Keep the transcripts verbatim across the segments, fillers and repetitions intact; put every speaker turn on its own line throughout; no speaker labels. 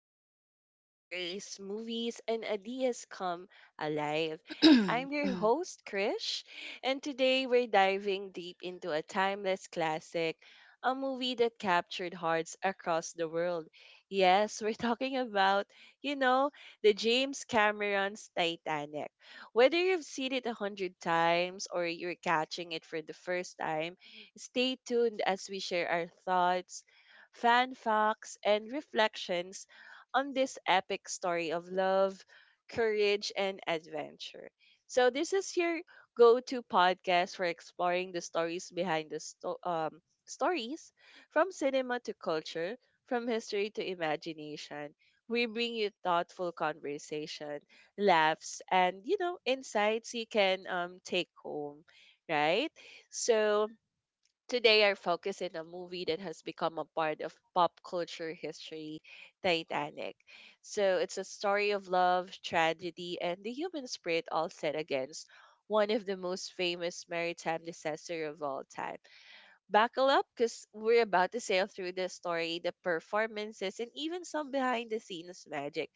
the place where stories, movies, and ideas come alive. I'm your host, Krish, and today we're diving deep into a timeless classic, a movie that captured hearts across the world. Yes, we're talking about, you know, the James Cameron's Titanic. Whether you've seen it a hundred times or you're catching it for the first time, stay tuned as we share our thoughts, fan facts, and reflections on this epic story of love, courage, and adventure. So, this is your go to podcast for exploring the stories behind the sto- um, stories from cinema to culture, from history to imagination. We bring you thoughtful conversation, laughs, and you know, insights you can um, take home, right? So, today, our focus in a movie that has become a part of pop culture history, Titanic. So, it's a story of love, tragedy, and the human spirit all set against one of the most famous maritime disaster of all time. Buckle up because we're about to sail through the story, the performances, and even some behind the scenes magic.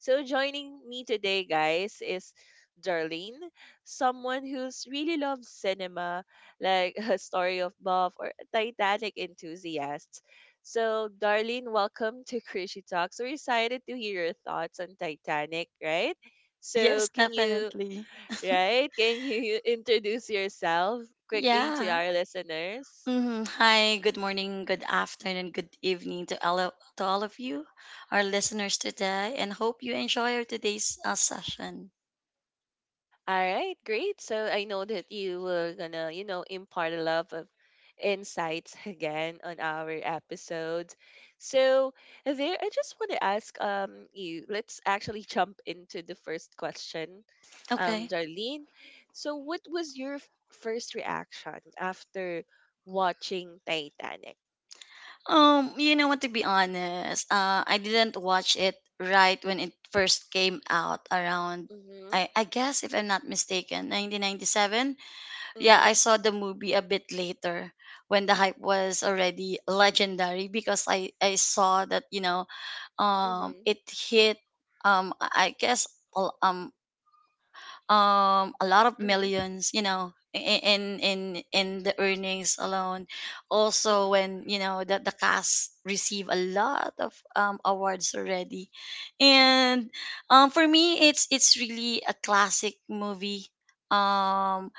So, joining me today, guys, is Darlene, someone who's really loves cinema, like a story of buff or a Titanic enthusiast. So, Darlene, welcome to Cruishy Talks. We're excited to hear your thoughts on Titanic, right? So,
Yes,
can you,
definitely.
right? Can you introduce yourself quickly to
Yeah.
our listeners?
hmm Hi, good morning, good afternoon, good evening to all of, to all of you, our listeners today, and hope you enjoy our today's uh, session.
All right, great. So I know that you were gonna, you know, impart a lot of insights again on our episodes. So there, I just want to ask um you. Let's actually jump into the first question, um,
Okay.
Darlene. So what was your f- first reaction after watching Titanic?
Um, you know what? To be honest, uh, I didn't watch it right when it first came out around.
Mhm.
I I guess if I'm not mistaken, nineteen ninety-seven. Yeah, I
Mhm.
saw the movie a bit later when the hype was already legendary because I I saw that you know um
Mhm.
it hit. um I I guess a- um um a lot of
Mhm.
millions, you know, i- in in in the earnings alone. Also
Mhm.
when you know that the cast receive a lot of um awards already. And um for me, it's it's really a classic movie. um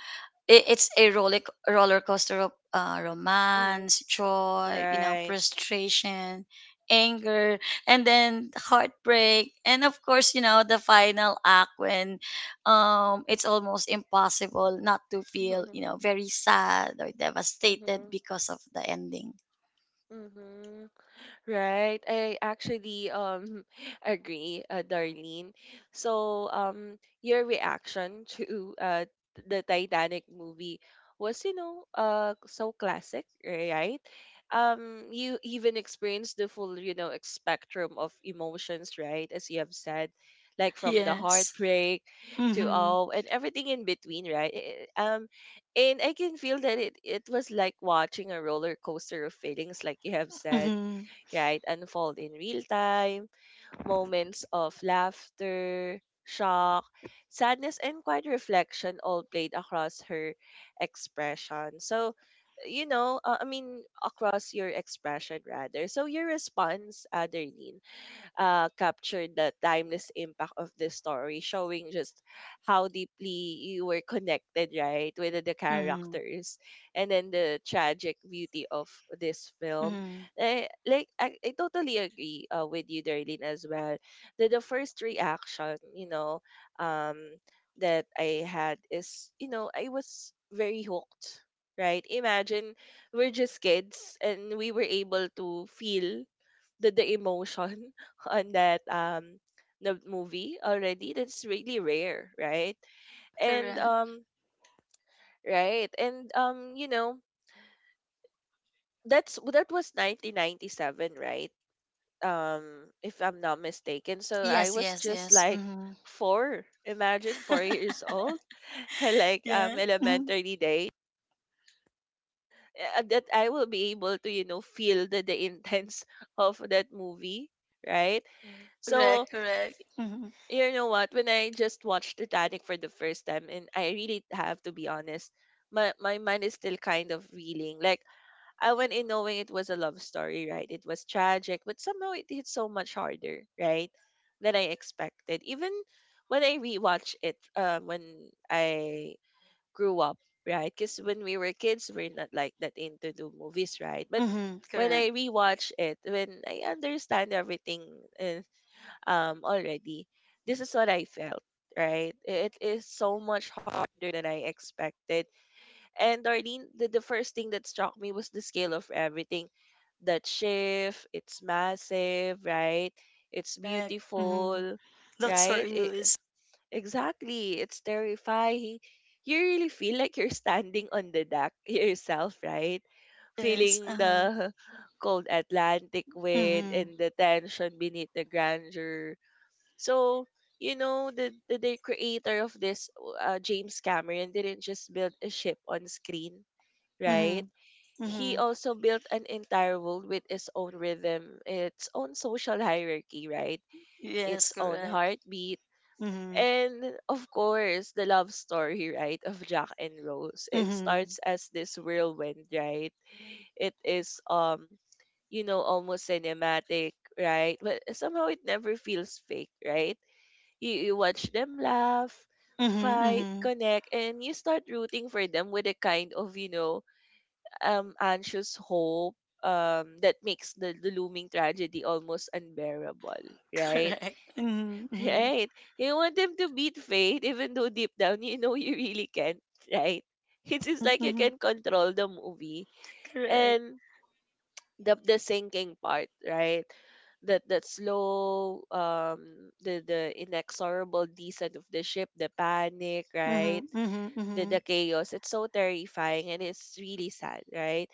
it, it's a roller roller coaster of uh,
Mhm.
romance, joy, you know,
Right.
frustration, anger, and then heartbreak. And of course, you know, the final act, when um it's almost impossible not to feel
Mhm.
you know very sad or devastated
Mhm.
because of the ending.
Mhm. Right. I actually um agree, uh, Darlene. So um your reaction to uh the Titanic movie was, you know, uh so classic, right? Um, you even experienced the full, you know, ex- spectrum of emotions, right? As you have said, like from the
Yes.
heartbreak to
Mm-hmm.
all and everything in between, right? Eh, Um and I can feel that it it was like watching a roller coaster of feelings like you have said,
Mm-hmm.
right? Unfold in real time, moments of laughter, shock, sadness, and quiet reflection all played across her expression. So, you know, uh, I mean, across your expression rather. So, your response, Adeline, uh, captured the timeless impact of this story, showing just how deeply you were connected, right, with the
Mm-hmm.
characters, and then the tragic beauty of this film.
Mm-hmm.
Eh, like I, I totally agree, uh, with you, Darlene, as well. The, the first reaction, you know, um, that I had is, you know, I was very hooked. Right? Imagine we're just kids and we were able to feel the the emotion on that um the movie already. That's really rare, right? and
Correct.
um right. And um you know, that's that was nineteen ninety-seven, right? Um, if I'm not mistaken, so I
Yes,
was
yes,
just
yes.
like
Mm-hmm.
four. Imagine four years old like um
Yeah. Mm-hmm.
elementary days, uh, that I will be able to, you know, feel the, the intense of that movie, right? So
Correct, correct. Mm-hmm.
you know what? When I just watched Titanic for the first time, and I really have to be honest, my my mind is still kind of reeling. Like, I went in knowing it was a love story, right? It was tragic, but somehow it hit so much harder, right, than I expected. Even when I rewatch it, uh, when I grew up, right? Because when we were kids, we're not like that into the movies, right? But
Mm-hmm.
when
Correct.
I rewatch it, when I understand everything, uh, um already, this is what I felt, right. It is so much harder than I expected. And darlene, the, the first thing that struck me was the scale of everything. That shift, it's massive, right? It's
Correct. Mm-hmm.
beautiful, right it,
Luxurious.
exactly. It's terrifying. You really feel like you're standing on the deck yourself, right?
Yes.
Feeling
Uh-huh.
the cold Atlantic wind
Mm-hmm.
and the tension beneath the grandeur. So, you know, the, the, the creator of this, uh, James Cameron, didn't just build a ship on screen,
Mm-hmm.
right? He
Mm-hmm.
also built an entire world with its own rhythm, its own social hierarchy, right?
Yes,
Its own
correct.
heartbeat.
Mm-hmm.
And of course, the love story, right, of Jack and Rose. It
Mhm.
starts as this whirlwind, right? It is um, you know, almost cinematic, right? But somehow it never feels fake, right? You, you watch them laugh,
Mhm,
fight,
mhm.
connect, and you start rooting for them with a kind of, you know, um, anxious hope um, that makes the, the looming tragedy almost unbearable, right?
Correct. Mhm, mhm.
Right. You want them to beat fate, even though deep down you know you really can't, right? It's just
Mm,
like you
mhm.
can control the movie.
Correct.
And the the sinking part, right? That that slow, um, the the inexorable descent of the ship, the panic,
Mhm,
right?
mhm, mhm.
The the chaos. It's so terrifying and it's really sad, right?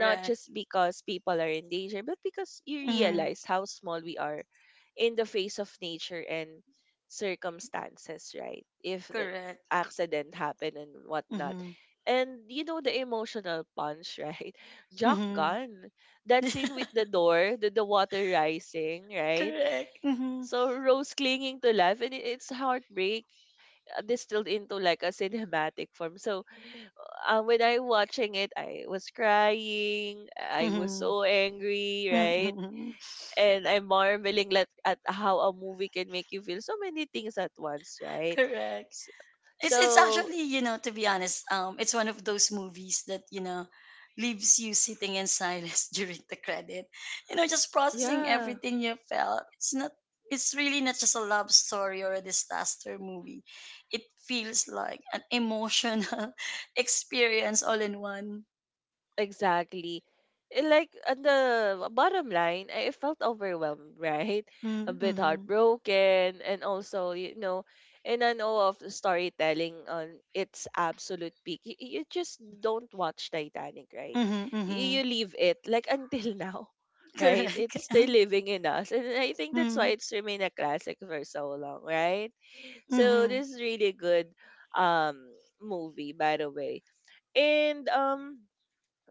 Not just because people are in danger, but because you
Mhm.
realize how small we are in the face of nature and circumstances, right? If the
Correct.
accident happened and whatnot.
Mhm.
And you know the emotional punch, right? Jack
Mhm.
gun. That scene with the door, the, the water rising, right?
Correct. Mhm.
So Rose clinging to life and it, it's heartbreak, uh, distilled into like a cinematic form. So uh, when I watching it, I was crying. I was
Mhm.
so angry, right?
Mhm.
And I'm marveling at, at how a movie can make you feel so many things at once, right?
Correct.
So,
It's it's
so
actually, you know, to be honest, um, it's one of those movies that, you know, leaves you sitting in silence during the credit. You know, just processing
yeah.
everything you felt. It's not it's really not just a love story or a disaster movie. It feels like an emotional experience all in one.
Exactly. Eh, like on the bottom line, I felt overwhelmed, right? A bit
Mm-hmm.
heartbroken, and also, you know, in an awe of the storytelling on its absolute peak. You, you just don't watch Titanic, right?
Mm-hmm.
You,
Mm-hmm.
you leave it like until now, right?
Correct.
It's still living in us, and I think that's why it's remained a classic for so long, right? So
Mm-hmm.
this is really good um movie, by the way, and um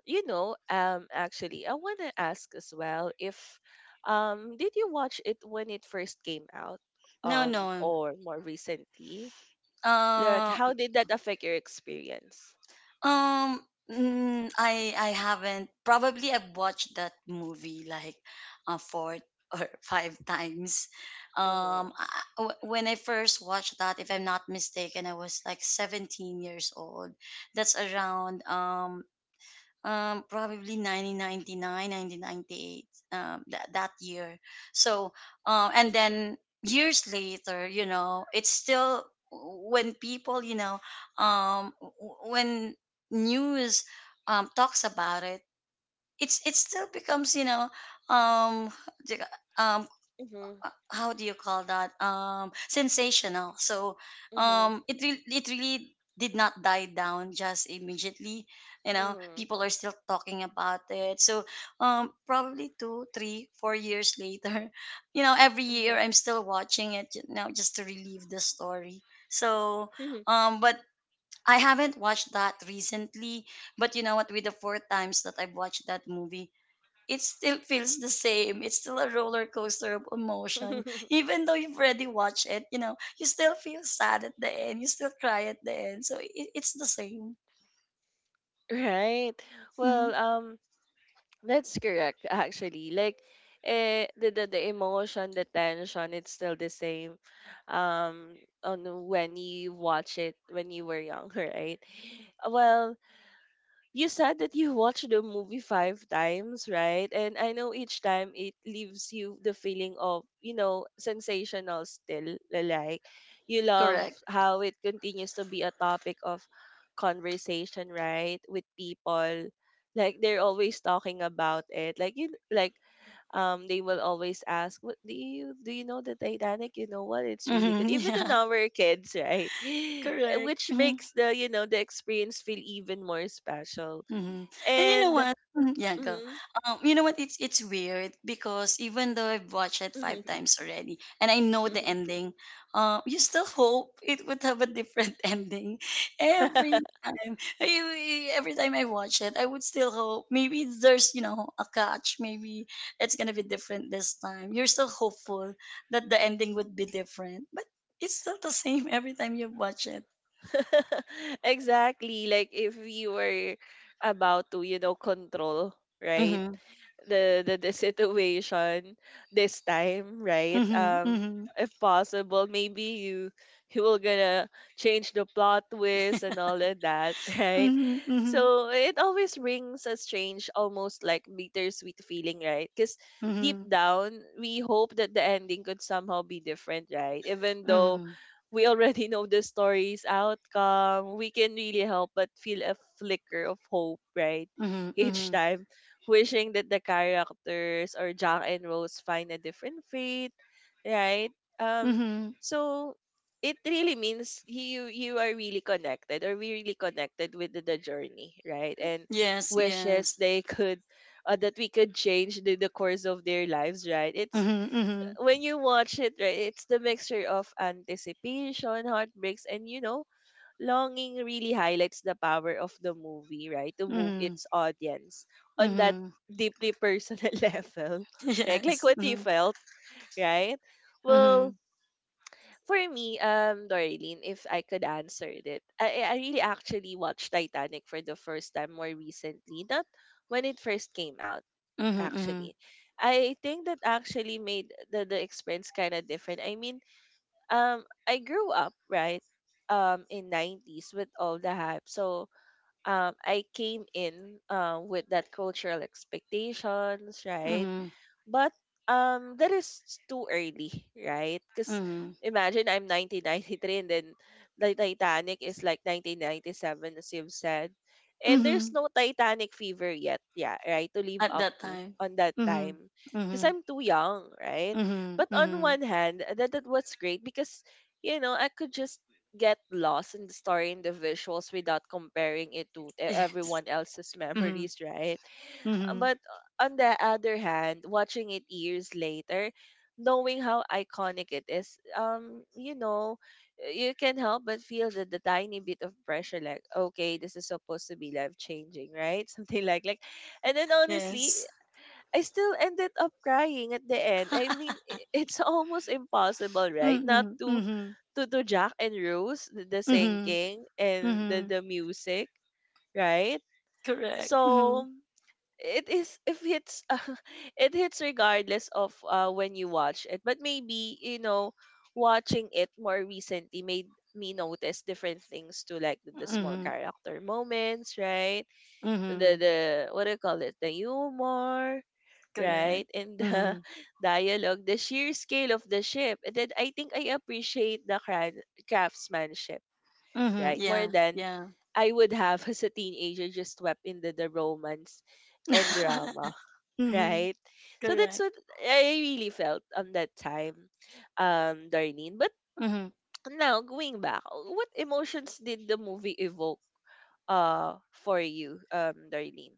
you know, um, actually, I want to ask as well if, um, did you watch it when it first came out,
No,
um,
no.
or more recently? Like,
Uh
how did that affect your experience?
Um, mm, I I haven't. Probably I've watched that movie like uh, four or five times.
Mm-hmm.
Um, I, I- wh- when I first watched that, if I'm not mistaken, I was like seventeen years old. That's around um um probably nineteen ninety-nine nineteen ninety-eight um that, that year. So um and then years later, you know, it's still, when people, you know, um w- when news um talks about it, it's it still becomes, you know, um
Mm-hmm.
how do you call that, um sensational. So
Mm-hmm.
um it re- it really did not die down just immediately. You know,
Mm-hmm.
people are still talking about it. So um probably two three four years later you know, every year I'm still watching it, you know just to relive the story. So
Mm-hmm.
um but I haven't watched that recently. But you know what, with the four times that I've watched that movie, it still feels the same. It's still a roller coaster of emotion. Even though you've already watched it, you know, you still feel sad at the end. You still cry at the end. So it, it's the same.
Right.
Hmm.
Well, um, that's correct actually. Like, eh, the, the the emotion, the tension, it's still the same. Um, on when you watch it when you were young, right? Well, you said that you watched the movie five times, right? And I know each time it leaves you the feeling of, you know, sensational still. Like, you love
Correct.
how it continues to be a topic of conversation, right? With people. Like, they're always talking about it. Like, you, like, um they will always ask what do you do you know the titanic you know what it's really good
Hmm.
even in
Yeah.
our kids, right?
Correct.
Which
Mm-hmm.
makes the, you know, the experience feel even more special,
Mm-hmm. And you know
and
what? Mhm. Yeah, go.
mhm,
Um, you know what? It's it's weird because even though I've watched it
mhm.
five times already, and I know the ending, uh, you still hope it would have a different ending every time. I- Every time I watch it, I would still hope, maybe there's, you know a catch. Maybe it's gonna be different this time. You're still hopeful that the ending would be different, but it's still the same every time you watch it.
Exactly, like if you were about to, you know, control, right,
Mm-hmm.
the the, the situation this time, right?
Mm-hmm.
Um,
Mm-hmm.
if possible, maybe you you will gonna change the plot twist and all of that, right?
Mm-hmm. Mm-hmm.
So it always brings a strange, almost like bittersweet feeling, right? Because deep
Mm-hmm.
down, we hope that the ending could somehow be different, right? Even though
Mhm.
we already know the story's outcome, we can really help but feel a flicker of hope, right?
Mhm.
Each
Mhm.
time wishing that the characters or Jack and Rose find a different fate, right? Um,
Mhm.
so it really means you you are really connected or we really connected with the, the journey, right? And
Yes,
wishes
yes.
they could, uh, that we could change the, the course of their lives, right? It's
Mhm. Mhm.
when you watch it, right? It's the mixture of anticipation, heartbreaks, and you know longing really highlights the power of the movie, right? To move
Mhm.
its audience on that
Mhm.
deeply personal level, right? Like
Yes.
what you
Mhm.
felt, right? Well,
Mhm.
for me, um, Dorleen, if I could answer it, I, I really actually watched Titanic for the first time more recently, not when it first came out,
Mhm. Mhm.
actually. I think that actually made the, the experience kind of different. I mean, um, I grew up, right? Um, in nineties with all the hype. So um, I came in uh, with that cultural expectations, right?
Mhm.
But um, that is too early, right? Because
Mhm.
imagine I'm nineteen ninety-three and then the Titanic is like nineteen ninety-seven, as you've said. And there's
Mhm.
no Titanic fever yet, yeah, right? To live
At
up
that
to
time.
on that
Mhm.
time. Because
Mhm.
I'm too young, right?
Mhm.
But on
Mhm.
one hand, that, that was great because, you know, I could just get lost in the story and the visuals without comparing it to e-
Yes.
everyone else's
Mhm.
memories, right?
Mhm.
but uh, on the other hand, watching it years later, knowing how iconic it is, um, you know, you can help but feel the, the tiny bit of pressure, like, okay, this is supposed to be life changing, right? Something like like, and then honestly,
Yes.
I still ended up crying at the end. I mean, i- it's almost impossible, right? Not
Mhm.
to
Mhm.
to to Jack and Rose, the, the
Mhm.
singing and the
Mhm.
the music, right?
Correct.
So
Mhm.
it is if it's it hits regardless of uh, when you watch it, but maybe you know watching it more recently made me notice different things, to like the, the small
Mhm.
character moments, right? the
Mhm.
the what do you call it, the humor, right?
Correct.
And the
Mhm.
dialogue, the sheer scale of the ship. And then I think I appreciate the cra- craftsmanship,
Mhm.
right? More
Yeah.
than
Yeah.
I would have as a teenager just swept into the romance and drama,
Mhm.
right? So that's
Correct.
what I really felt on that time, um, Darlene. But now going back, what emotions did the movie evoke uh for you, um, Darlene?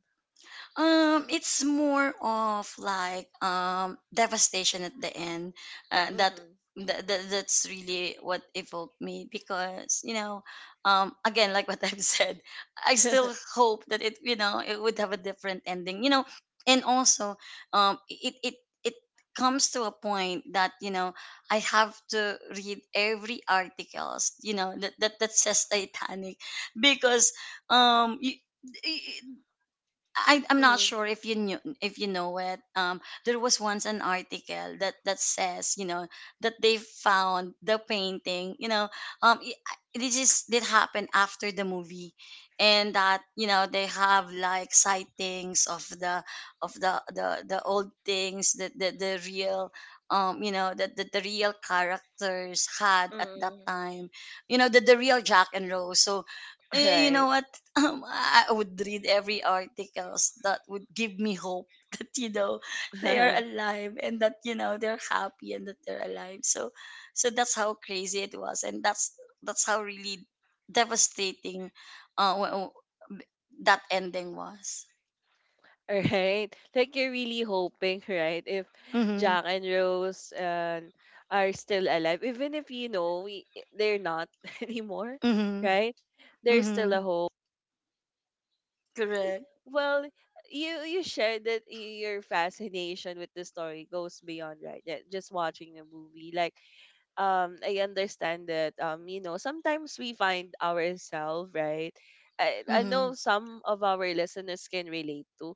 Um, it's more of like um devastation at the end. Uh, that,
Mm-hmm.
that that that's really what evoked me because, you know, um, again, like what I've said, I still hope that it you know it would have a different ending. You know, and also, um, it it it comes to a point that, you know I have to read every articles, you know that that, that says Titanic because um. You, I, I'm not
Mm-hmm.
sure if you knew, if you know it. Um, there was once an article that that says, you know, that they found the painting. You know, um, I This is did happen after the movie, and that, you know they have like sightings of the of the the, the old things that the, the real um you know that the, the real characters had at that
Mm-hmm.
time. You know the the real Jack and Rose. So. eh, You know
Right.
what? um, I would read every articles that would give me hope that, you know they are alive, and that, you know they're happy and that they're alive. So, so that's how crazy it was, and that's that's how really devastating uh, wh- wh- that ending was.
Right. Like you're really hoping, right? If
Mm-hmm.
Jack and Rose and are still alive, even if you know we, they're not anymore,
Mm-hmm.
right? There's still a
Mm-hmm.
hope.
Correct.
Well, you you shared that y- your fascination with the story goes beyond, right, that just watching the movie. Like um I understand that um you know sometimes we find ourselves, right. I, I
Mm-hmm.
know some of our listeners can relate to.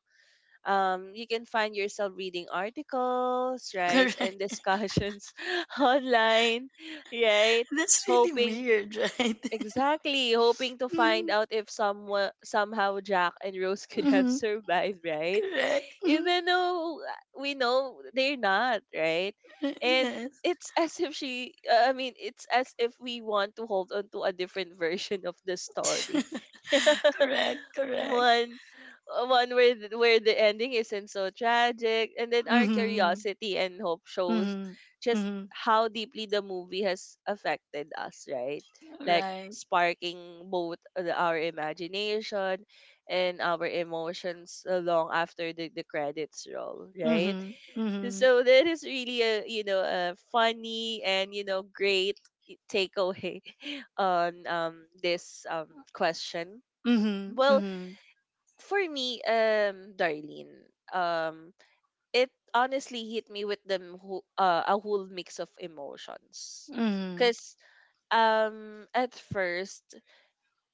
Um, you can find yourself reading articles, right,
Correct.
and discussions online, right?
That's really
Hoping.
weird, right?
Exactly, hoping to find out if someone somehow Jack and Rose could have
Mm-hmm.
survived, right?
Correct. Mhm.
Even though uh, we know they're not, right? And
Yes.
it's as if she, uh, I mean, it's as if we want to hold on to a different version of the story,
Correct. Correct.
one uh, one where th- where the ending isn't so tragic. And then our
Mhm.
curiosity and hope shows
Mhm.
just
Mhm.
how deeply the movie has affected us, right? Like
Right.
sparking both the- our imagination and our emotions, uh, long after the, the credits roll, right?
Mhm. Mhm.
So that is really a, you know, a funny and you know great takeaway on um this um question.
Mhm.
Well,
Mhm.
for me, um, Darlene, um, it honestly hit me with the m- who- uh, a whole mix of emotions.
Mhm.
Cause um, at first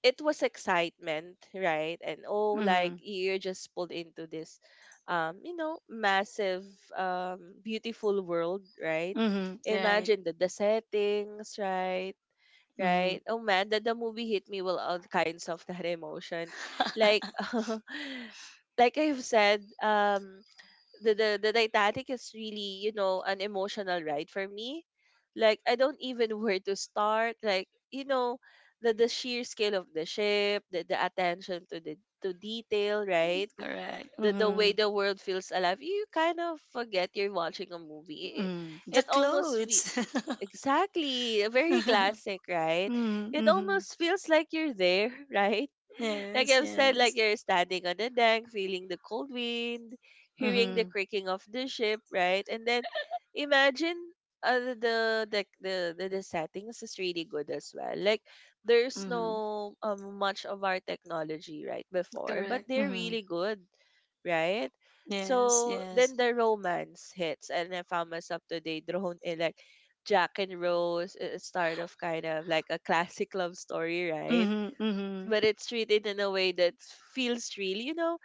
it was excitement, right? And oh, like
Mhm.
you're just pulled into this, um, you know, massive, um, beautiful world, right?
Mhm. Right.
Imagine the the settings, right?
Mhm.
Right? Oh man, that the movie hit me with all kinds of that emotion. Like like I've said, um the, the the Titanic is really, you know, an emotional ride for me. Like I don't even know where to start. Like, you know, the the sheer scale of the ship, the, the attention to the to detail, right?
Correct.
The, the way
Mhm.
the world feels alive, you kind of forget you're watching a movie. It,
Mhm. The
it almost fe-
clothes.
Exactly. Very classic, right?
Mhm.
It
Mhm.
almost feels like you're there, right? Like
Yes.
I've said, like
Yes.
you're standing on the deck, feeling the cold wind, hearing the
Mhm.
creaking of the ship, right? And then imagine uh, the, the the the the settings is really good as well. Like there's
Mhm.
no um much of our technology right before, but
Correct.
they're
Mhm.
really good, right?
Yes.
So
Yes.
then the romance hits, and I found myself today drawn in, like Jack and Rose is sort of kind of like a classic love story, right?
Mhm. Mhm.
But it's treated in a way that feels real. You know,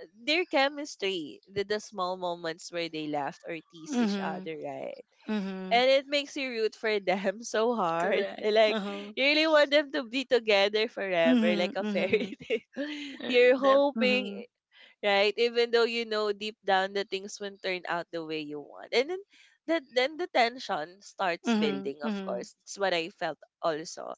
uh, their chemistry, the, the small moments where they laughed or tease each
Mhm.
other, right?
Mhm.
And it makes you root for them so hard.
Correct. Uh
Like,
huh.
you really want them to be together forever, like
Mhm.
a fairy
Mhm.
tale.
Uh,
You're
Def. Mhm.
hoping, right? Even though you know deep down the things won't turn out the way you want. And then that then the tension starts
Mhm.
building, of
Mhm.
course. It's what I felt also.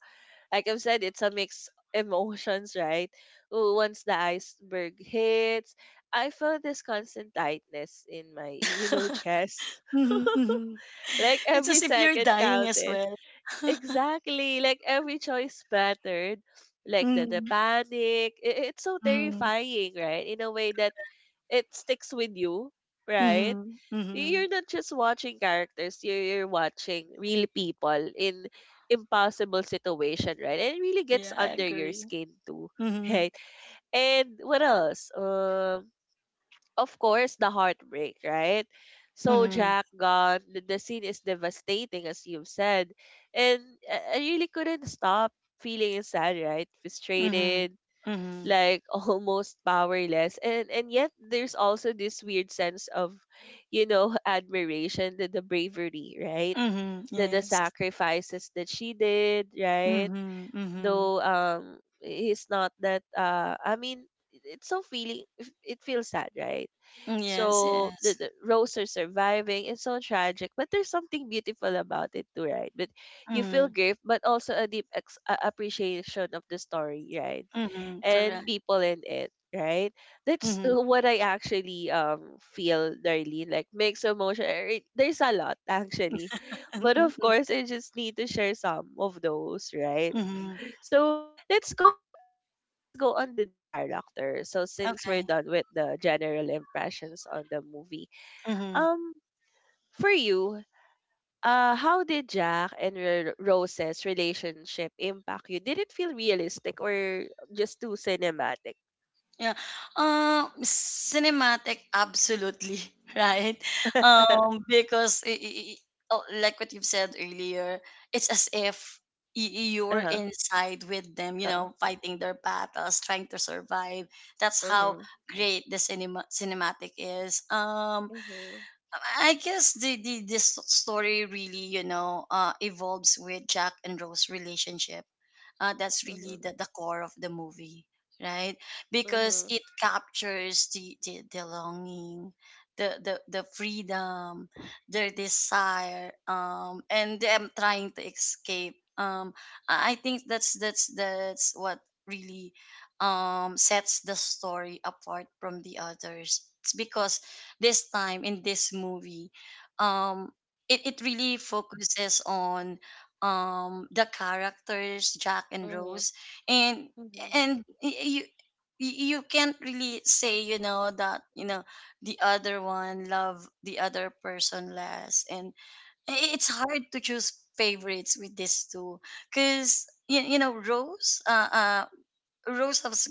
Like I've said, it's a mix emotions, right? Oh, once the iceberg hits, I felt this constant tightness in my, you know, chest.
Mhm, mhm.
Like
It's
every
as if you're
second
dying as
counted.
well.
Exactly. Like every choice mattered. Like the, the
Mm,
panic. I- it's so
mhm,
terrifying, right? In a way that it sticks with you, right?
mhm,
Y-
mhm.
You're not just watching characters, you're, you're watching real people in impossible situation, right? And it really gets
Yeah, I
under your
agree.
skin too,
Mhm,
right? And what else? Um, of course, the heartbreak, right? So
mhm,
Jack gone, the, the scene is devastating as you've said. And I I really couldn't stop feeling sad, right?
mhm,
Frustrated,
mhm,
like almost powerless, and and yet there's also this weird sense of, you know, admiration, the, the bravery, right?
mhm.
The the
Yes.
sacrifices that she did, right?
Mhm, mhm.
Though um he's not that uh I mean, it's so feeling it, it feels sad, right?
Mm, yes,
So the,
yes.
the rose are surviving, it's so tragic, but there's something beautiful about it too, right? But you feel
Mhm,
grief but also a deep ex- uh, appreciation of the story, right?
mhm.
And
Correct.
people in it, right? That's
Mhm,
uh, what I actually um feel, Darlene. Like mixed emotion. eh, There's a lot actually,
mhm,
but of
mhm.
course, I just need to share some of those, right?
Mhm.
So let's go. Uh, really, let's go on to the character. So since we're
Okay.
done with the general impressions on the movie,
Mhm.
um, for you, uh, how did Jack and Ro- Rose's relationship impact you? Did it feel realistic or just too cinematic?
Yeah. Um, cinematic, absolutely, right? Um, because i i i- oh, like what you've said earlier, it's as if y- y- you're
Uh-huh.
inside with them, you
Uh-oh.
know, fighting their battles, trying to survive. That's how
Mhm.
great the cinema cinematic is. Um,
Mhm.
I guess the, the this story really, you know, uh, evolves with Jack and Rose relationship. Uh, that's really
Mhm.
the, the core of the movie, right? Because
Mhm.
it captures the, the, the longing, the, the, the freedom, their desire, um, and them trying to escape. Um, I I think that's that's that's what really um, sets the story apart from the others. It's because this time in this movie um it, it really focuses on um the characters Jack and
Mhm.
Rose, and
Mhm.
and y- you you can't really say, you know that, you know the other one love the other person less. And i- it's hard to choose favorites with these two, because you, you know Rose, uh, uh Rose has,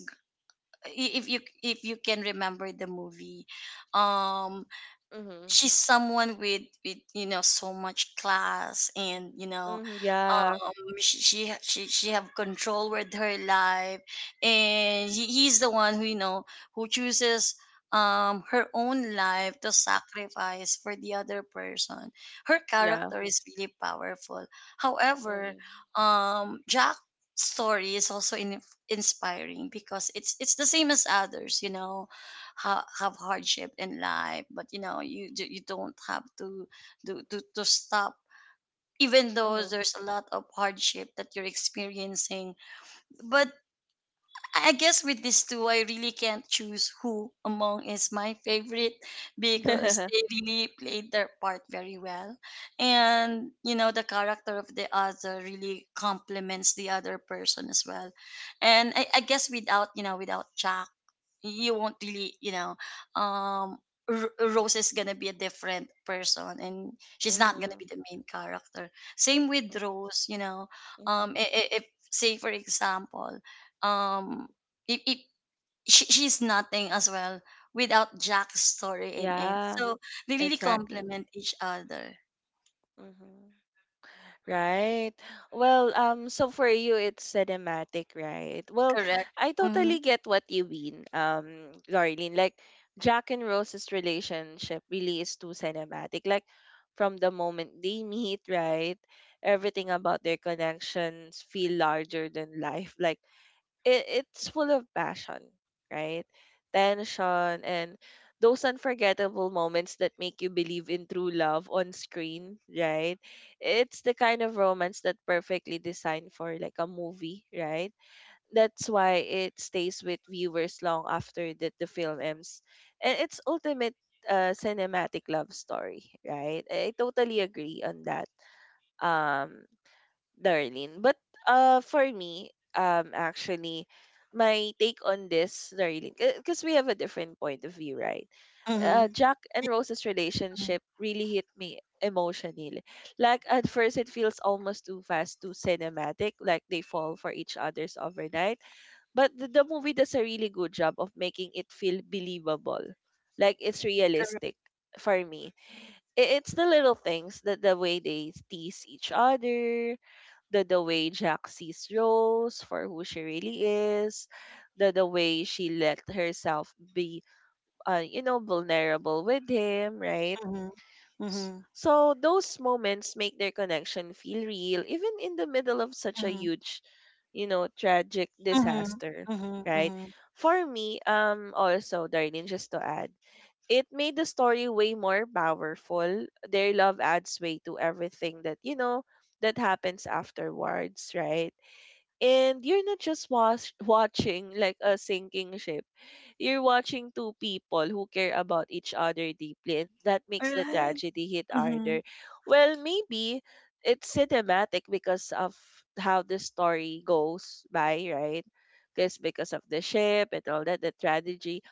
if you if you can remember the movie, um
Mhm.
she's someone with with you know so much class, and, you know
Mhm. Yeah.
um she she ha- she, she have control with her life. And he, he's the one who, you know who chooses, um her own life to sacrifice for the other person. Her
Yeah.
character is really powerful, however
Mhm.
um Jack's story is also in, inspiring because it's it's the same as others. You know, ha- have hardship in life, but, you know you d- you don't have to to, to to stop even though
Mhm.
there's a lot of hardship that you're experiencing. But I guess with these two, I really can't choose who among is my favorite, because they really played their part very well. And, you know, the character of the other really complements the other person as well. And I, I guess, without, you know, without Jack, you won't really, you know, um, R- Rose is gonna be a different person, and she's not gonna
Mhm.
be the main character. Same with
Mhm.
Rose, you know.
Mhm.
Um, I- I- if say for example, um it, it she, she's nothing as well without Jack's story in it.
Yeah.
So they really
Exactly.
complement each other.
Mhm. Right. Well, um, so for you it's cinematic, right? Well,
Correct.
I
Mm-hmm.
totally get what you mean, um, Darlene. Like Jack and Rose's relationship really is too cinematic. Like from the moment they meet, right? Everything about their connections feel larger than life. Like it, it's full of passion, right? Tension and those unforgettable moments that make you believe in true love on screen, right? It's the kind of romance that perfectly designed for like a movie, right? That's why it stays with viewers long after the, the film ends. And it's ultimate uh, cinematic love story, right? I totally agree on that. Um, Darlene. But uh, for me, um, actually, my take on this, Darlene, because we have a different point of view, right? Uh,
Mm-hmm.
Jack and Rose's relationship really hit me emotionally. Like at first, it feels almost too fast, too cinematic. Like they fall for each other's overnight. But the, the movie does a really good job of making it feel believable. Like it's
Correct.
realistic for me. It, it's the little things, that the way they tease each other, the the way Jack sees Rose for who she really is, the the way she let herself be, uh, you know, vulnerable with him, right?
Mm-hmm.
S-
Mm-hmm.
So those moments make their connection feel real, even in the middle of such a
Mm-hmm.
huge, you know, tragic
Mm-hmm.
disaster,
Mm-hmm.
right?
Mm-hmm.
For me, um, also, Darlene, just to add, it made the story way more powerful. Their love adds way to everything that you know that happens afterwards, right? And you're not just watch, watching like a sinking ship. You're watching two people who care about each other deeply, and that makes the
Right.
tragedy hit
Mm-hmm.
harder. Well, maybe it's cinematic because of how the story goes by, right? Because because of the ship and all that, the tragedy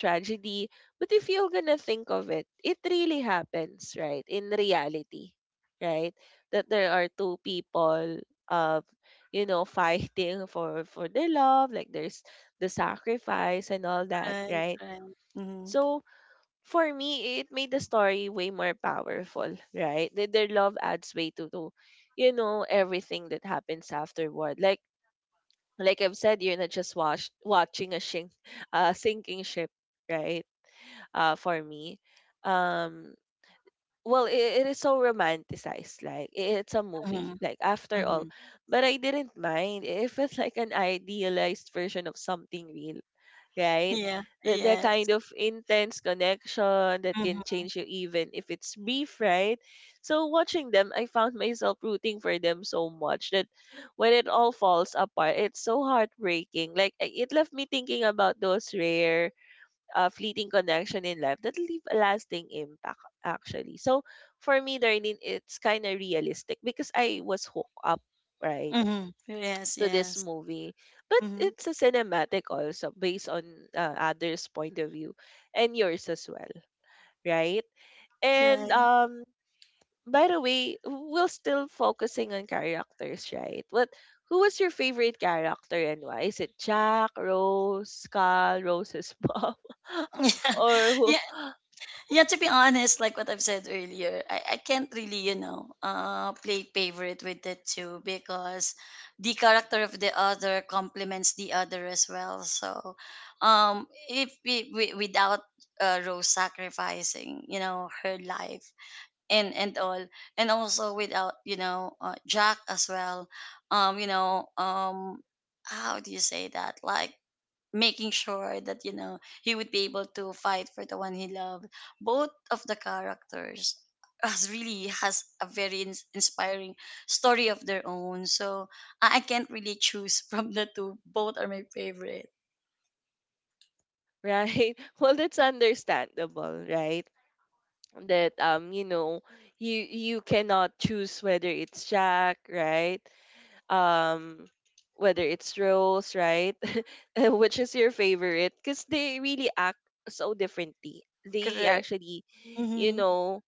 tragedy. But if you're gonna think of it, it really happens, right? In reality, right? That there are two people, uh, you know, fighting for for their love. Like there's the sacrifice and all that,
Right.
right?
Right. Mm-hmm.
So for me, it made the story way more powerful, right? Their their love adds way to to, you know, everything that happens afterward. Like like I've said, you're not just watch, watching a shink, uh, sinking ship, right? Uh, for me. Um, well, it, it is so romanticized. Like i- it's a
Mm-hmm.
movie. Like after all,
Mm-hmm.
but I didn't mind. It felt like an idealized version of something real, right?
Yeah.
The the
Yes.
kind of intense connection that can
Mm-hmm.
change you even if it's brief, right? So watching them, I found myself rooting for them so much that when it all falls apart, it's so heartbreaking. Like I- it left me thinking about those rare uh, fleeting connection in life that leave a lasting impact actually. So for me, Darlene, it's kind of realistic because I was hooked up, right,
Mm-hmm. Yes.
to this
Yes.
movie. But
Mm-hmm.
it's a cinematic also based on uh, others' point of view and yours as well, right? And
Right.
um by the way, we're still focusing on characters, right? What who was your favorite character and why? Is it Jack, Rose, Carl, Rose's mom? Or who
Yeah. Yeah, to be honest, like what I've said earlier, I, I can't really, you know, uh, play favorite with the two, because the character of the other complements the other as well. So, um, if we, we without, uh, Rose sacrificing, you know, her life and and all, and also without, you know, uh, Jack as well, um, you know, um, how do you say that? Like making sure that, you know he would be able to fight for the one he loved. Both of the characters has really has a very ins- inspiring story of their own. So i I can't really choose from the two. Both are my favorite.
right? Well, that's understandable, right? That um, you know, you you cannot choose whether it's Jack, right? Um, Whether it's Rose, right? Which is your favorite? Because they really act so differently. They
Correct.
actually, you
Mm-hmm.
know,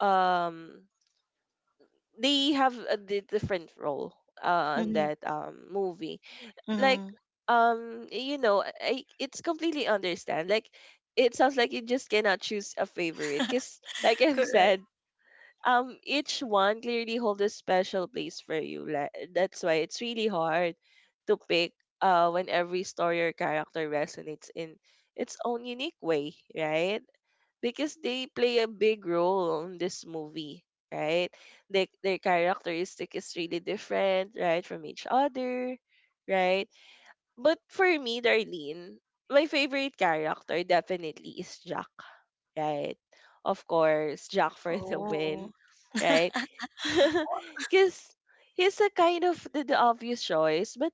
um, they have a di- different role uh on
Mm-hmm.
that um movie like
Mm-hmm.
um you know I, I- it's completely understand like it sounds like you just cannot choose a favorite because like I've said,
Correct.
um each one clearly holds a special place for you, like that's why it's really hard to pick uh when every story or character resonates in its own unique way, right? Because they play a big role in this movie, right? They, their characteristic is really different, right, from each other, right? But for me, Darlene, my favorite character definitely is Jack, right? Of course, Jack for the
Oh.
win, right? Because he's a kind of the, the obvious choice, but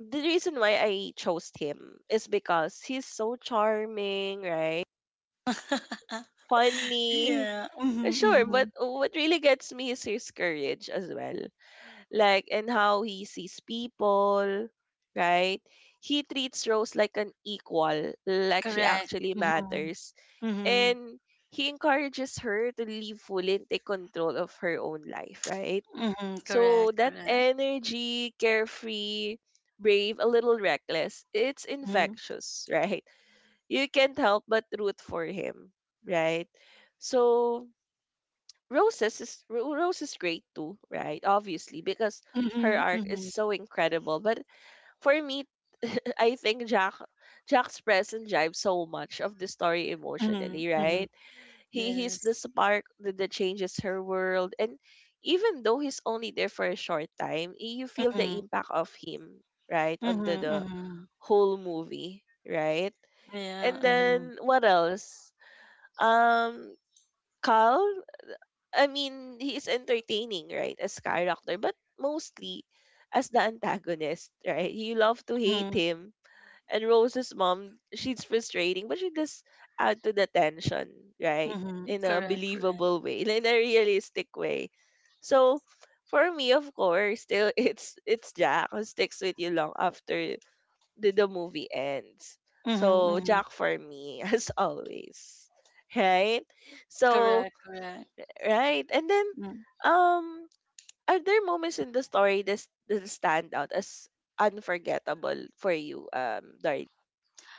the reason why I chose him is because he's so charming, right? Funny.
Yeah. Mm-hmm.
Sure,
Mm-hmm.
but what really gets me is his courage as well. Like and how he sees people, right? He treats Rose like an equal, like she
Correct.
actually
Mm-hmm.
matters.
Mm-hmm.
And he encourages her to live fully and take control of her own life, right?
Mm-hmm. Correct,
So that
correct.
energy, carefree, brave, a little reckless, it's
Mm-hmm.
infectious, right? You can't help but root for him, right? So Roses is Ro- Rose is great too, right? Obviously, because her arc is
Mm-hmm.
so incredible. But for me, I think Jack Jack's presence drives so much of the story
Mhm,
emotionally,
mhm.
right? He he's the
Yes.
spark that, that changes her world, and even though he's only there for a short time, y- you feel the
Mhm,
impact of him, right, on the
mhm,
the
mhm.
whole movie, right?
Yeah,
And
mhm,
then what else? Um, Carl. I mean, he is entertaining, right, as character, but mostly as the antagonist, right? You love to hate
mhm,
him. And Rose's mom, she's frustrating, but she does add to the tension, right?
mhm.
In a
Correct, correct.
believable way, in a realistic way. So for me, of course, still it's it's Jack who sticks with you long after the, the movie ends.
Mhm,
So
mhm.
Jack for me, as always. Right? So.
Correct, correct.
Right. And then,
Mm.
um, are there moments in the story that that stand out as unforgettable for you, um, Dari?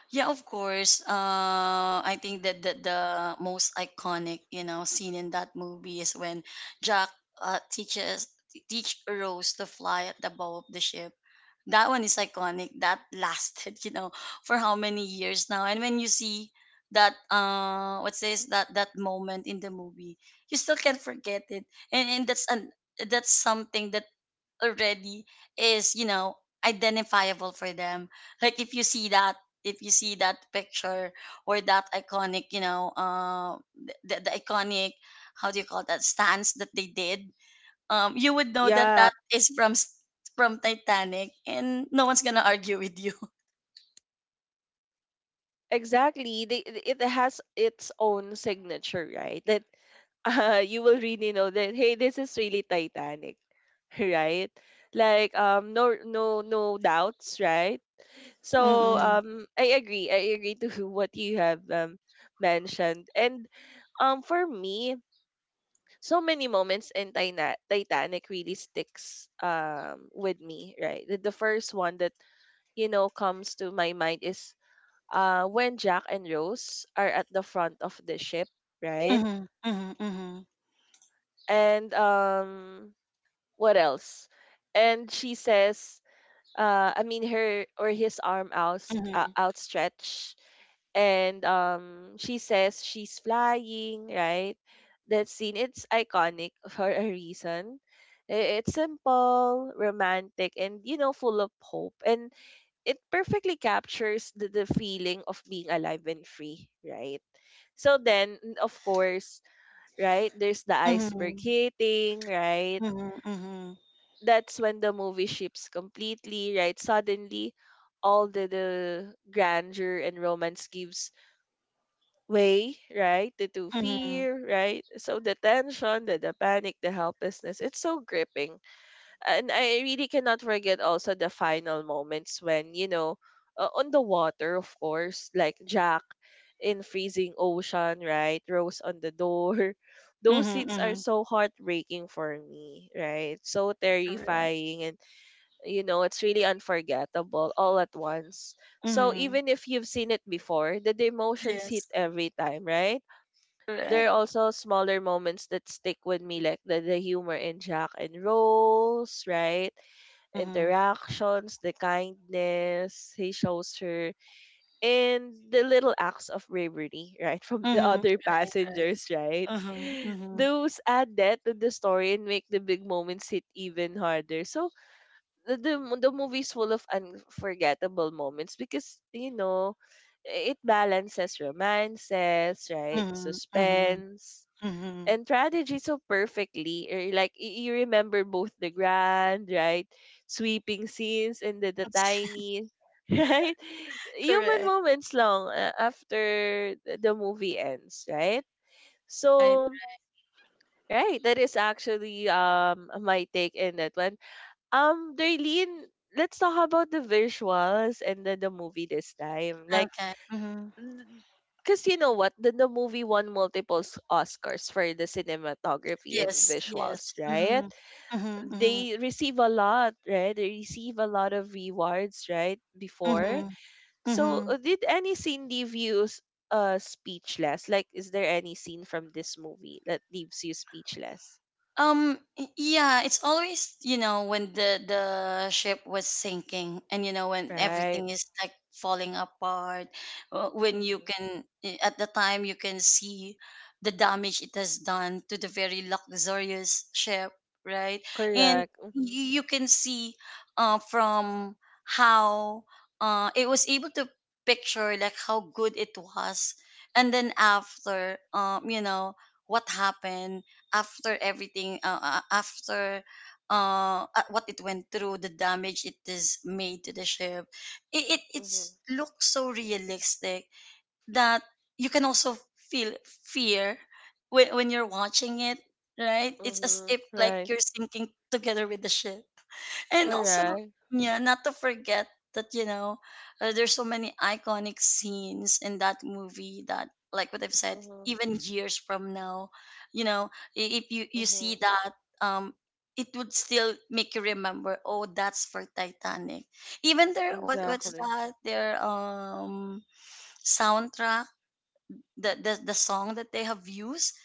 Yeah, of course. Uh, I think that the, the most iconic, you know, scene in that movie is when Jack uh, teaches teach Rose to fly at the bow of the ship. That one is iconic, that lasted you know for how many years now, and when you see that, uh what's this that that moment in the movie, you still can't forget it. And, and that's an, that's something that already is, you know, identifiable for them. Like if you see that if you see that picture, or that iconic, you know, uh the, the iconic, how do you call that stance that they did, um, you would know that
Yeah,
that is from s- from Titanic, and no one's gonna argue with you.
exactly. They, it has its own signature, right? That uh, you will really know that hey, this is really Titanic, right? Like um, no, no, no doubts, right? So
Mm-mm.
um, I agree. I agree to what you have um mentioned, and um, for me, so many moments in Tina- Titanic really sticks um with me, right? The, the first one that you know comes to my mind is uh when Jack and Rose are at the front of the ship, right?
Mhm. Mhm.
And um what else? And she says uh I mean her or his arm out uh,
Mhm.
outstretched and um she says she's flying, right? That scene, it's iconic for a reason. I- it's simple, romantic, and you know, full of hope, and it perfectly captures the, the feeling of being alive and free, right? So then, n- of course, right, there's the iceberg
Mhm.
hitting, right?
Mhm. Mhm. Mhm.
That's when the movie ships completely, right? Suddenly all the, the grandeur and romance gives way, right? To, to
Mhm.
fear, right? So the tension, the, the panic, the helplessness, it's so gripping. And I really cannot forget also the final moments when, you know, uh, on the water, of course, like Jack in freezing ocean, right? Rose on the door. Those
Mhm.
scenes are
Mhm.
so heartbreaking for me, right? So
Correct.
terrifying. And you know, it's really unforgettable all at once. So
Mhm.
even if you've seen it before, the emotions hit
Yes.
every time, right? There
Correct.
are also smaller moments that stick with me, like the, the humor in Jack and Rose, right,
Mhm.
interactions, the kindness he shows her, and the little acts of bravery, right, from the
Mhm.
other
Right. Right.
passengers, right?
Mhm. Mhm.
Those add that to the story and make the big moments hit even harder. So the the, mo- the movie's full of unforgettable moments because you know, it balances romances, right?
Mhm. Mhm.
Suspense
Mhm.
and tragedy so perfectly. Or like y- you remember both the grand, right, sweeping scenes and the, the tiny, right, human
Correct.
moments long uh, after th- the movie ends, right?
Right.
So. Right, that is actually um my take in that one. Um, Darlene, let's talk about the visuals and the, the movie this time. Like,
Okay. Mhm.
because you know what? The, the movie won multiple s- Oscars for the cinematography and
Yes. Yes.
visuals, right?
Mhm. Mhm. Mhm.
They receive a lot, right? They receive a lot of rewards, right? Before.
Mhm.
So,
Mhm.
uh, did any scene leave you s- uh, speechless? Like, is there any scene from this movie that leaves you speechless?
Um, yeah, it's always, you know, when the the ship was sinking and you know when
Right.
everything is like falling apart, uh, when you
Mm-hmm.
can i- at the time you can see the damage it has done to the very luxurious ship, right? And
Correct. Mm-hmm.
you, you can see uh from how uh it was able to picture like how good it was. And then after, um you know, what happened after everything, uh, uh, after uh, uh, what it went through, the damage it is made to the ship, it, it
Mm-hmm.
it's looks so realistic that you can also feel fear when, when you're watching it, right? It's as
Mhm.
if like
Right.
you're sinking together with the ship. And also,
Correct.
yeah, not to forget that, you know, uh, there's so many iconic scenes in that movie that, like what I've said,
Mhm.
even years from now, you know, i- if you, you see
Mhm.
that, um, it would still make you remember, oh, that's for Titanic. Even their, what, what's
Exactly.
that, their, um, soundtrack, the, the, the song that they have used,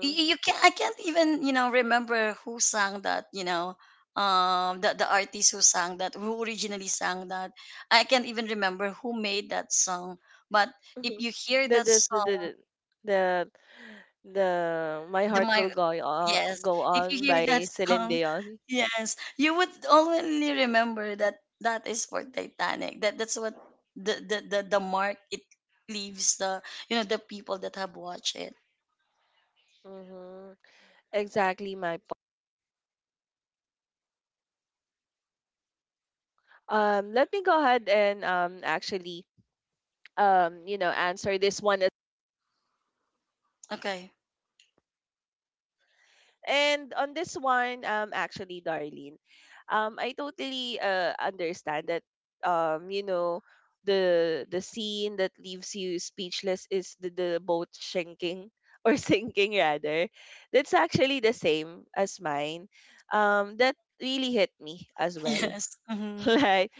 you, you can't I can't even, you know, remember who sang that, you know, um the the artist who sang that, who originally sang that. I can't even remember who made that song. But if
Mhm.
you hear
That
that
that's the the
song,
the the the- my
the
heart
my
will go on
yes,
go
if you
on
hear that
by Celine
song,
Dion.
yes, you would only remember that that is for Titanic. That that's what the the the, the mark it leaves, the, you know, the people that have watched it.
Mhm. Exactly my point. Um, let me go ahead and um actually um you know answer this one.
Okay.
And on this one, um, actually, Darlene, um, I totally uh, understand that, um, you know, the the scene that leaves you speechless is the, the boat sinking or sinking rather. That's actually the same as mine. Um, that really hit me as well.
Yes. Hmm.
Like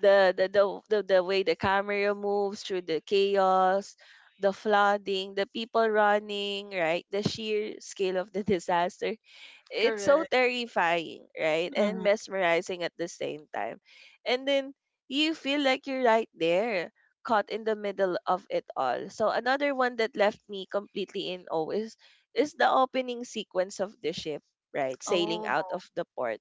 the, the the the the way the camera moves through the chaos, the flooding, the people running, right? The sheer scale of the disaster, it's so
Correct.
terrifying, right? And
Hmm.
mesmerizing at the same time. And then you feel like you're right there, caught in the middle of it all. So another one that left me completely in awe is is the opening sequence of the ship, right? Sailing
Oh.
out of the port,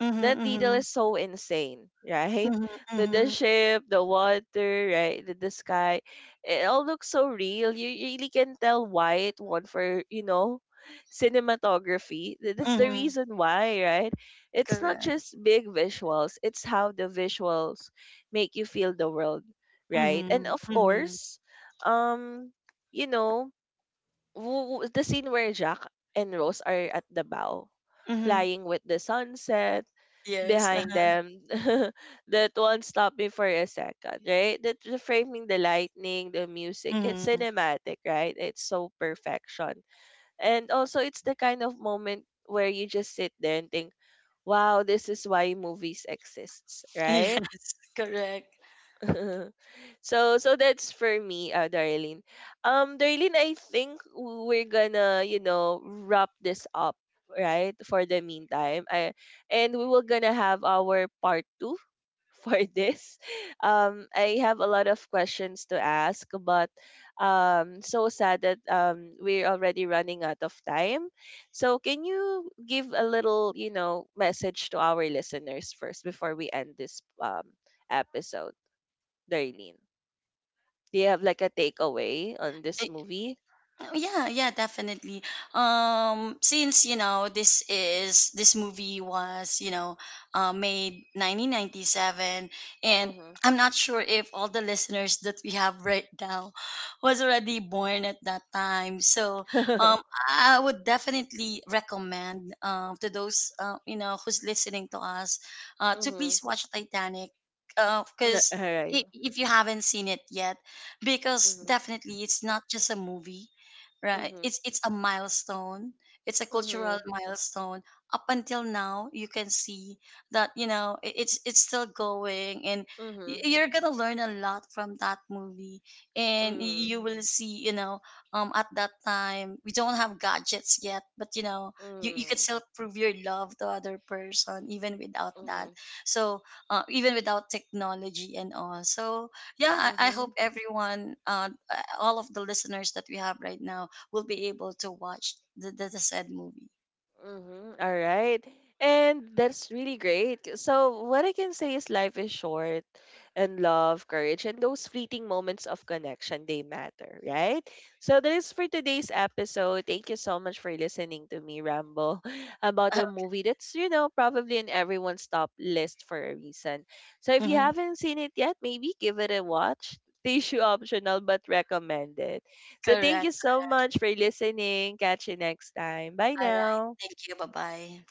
Mhm,
that detail
mhm,
is so insane, right?
mhm,
The the
mhm,
ship, the water, right? The, the sky, it all looks so real. You really can tell why it won for you know, cinematography. Th- That's the
mhm.
reason why, right? It's not
Correct.
just big visuals; it's how the visuals make you feel the world, right? And
Mhm,
of
mhm,
course, um, you know, w- w- the scene where Jack and Rose are at the bow,
mhm.
flying with the sunset
Yes.
behind
Uh-huh.
them, that won't stop me for a second, right? That the framing, the lightning, the music, it's
Mhm.
cinematic, right? It's so perfection. And also it's the kind of moment where you just sit there and think, wow, this is why movies exists, right?
Yes. Correct.
so so that's for me, uh, Darlene. Um, Darlene, I think we're gonna, you know, wrap this up, right? For the meantime. I And we were gonna have our part two for this. Um, I have a lot of questions to ask, but um, so sad that um, we're already running out of time. So, can you give a little, you know, message to our listeners first before we end this um, episode, Darlene? Do you have like a takeaway on this movie?
Oh, yeah, yeah, definitely. Um since, you know, this is this movie was, you know, uh, made nineteen ninety-seven, and
Mm-hmm.
I'm not sure if all the listeners that we have right now was already born at that time. So, um, I would definitely recommend, um, to those, uh, you know, who's listening to us, uh, to
Mm-hmm.
please watch Titanic,
All
because
right.
if you haven't seen it yet, because
Mm-hmm.
definitely it's not just a movie, right?
Mm-hmm.
It's it's a milestone, it's a cultural
Mm-hmm.
milestone. Up until now you can see that, you know, i- it's it's still going, and
Mm-hmm.
y- you're gonna learn a lot from that movie. And y-
Mm-hmm.
you will see, you know, um, at that time we don't have gadgets yet, but you know, you, you could still prove your love to other person even without that.
Mm-hmm.
So, uh, even without technology and all, so yeah, i, I
Mm-hmm.
hope everyone, uh, uh, all of the listeners that we have right now will be able to watch the, the, the said movie.
Mm-hmm. All right. And that's really great. So, what I can say is life is short, and love, courage, and those fleeting moments of connection, they matter, right? So, that is for today's episode. Thank you so much for listening to me ramble about a movie that's, you know, probably in everyone's top list for a reason. So, if you
Mhm.
haven't seen it yet, maybe give it a watch. Tissue optional, but recommended. So, thank
Correct.
you so much for listening. Catch you next time. Bye
All right.
now.
Thank you. Bye bye.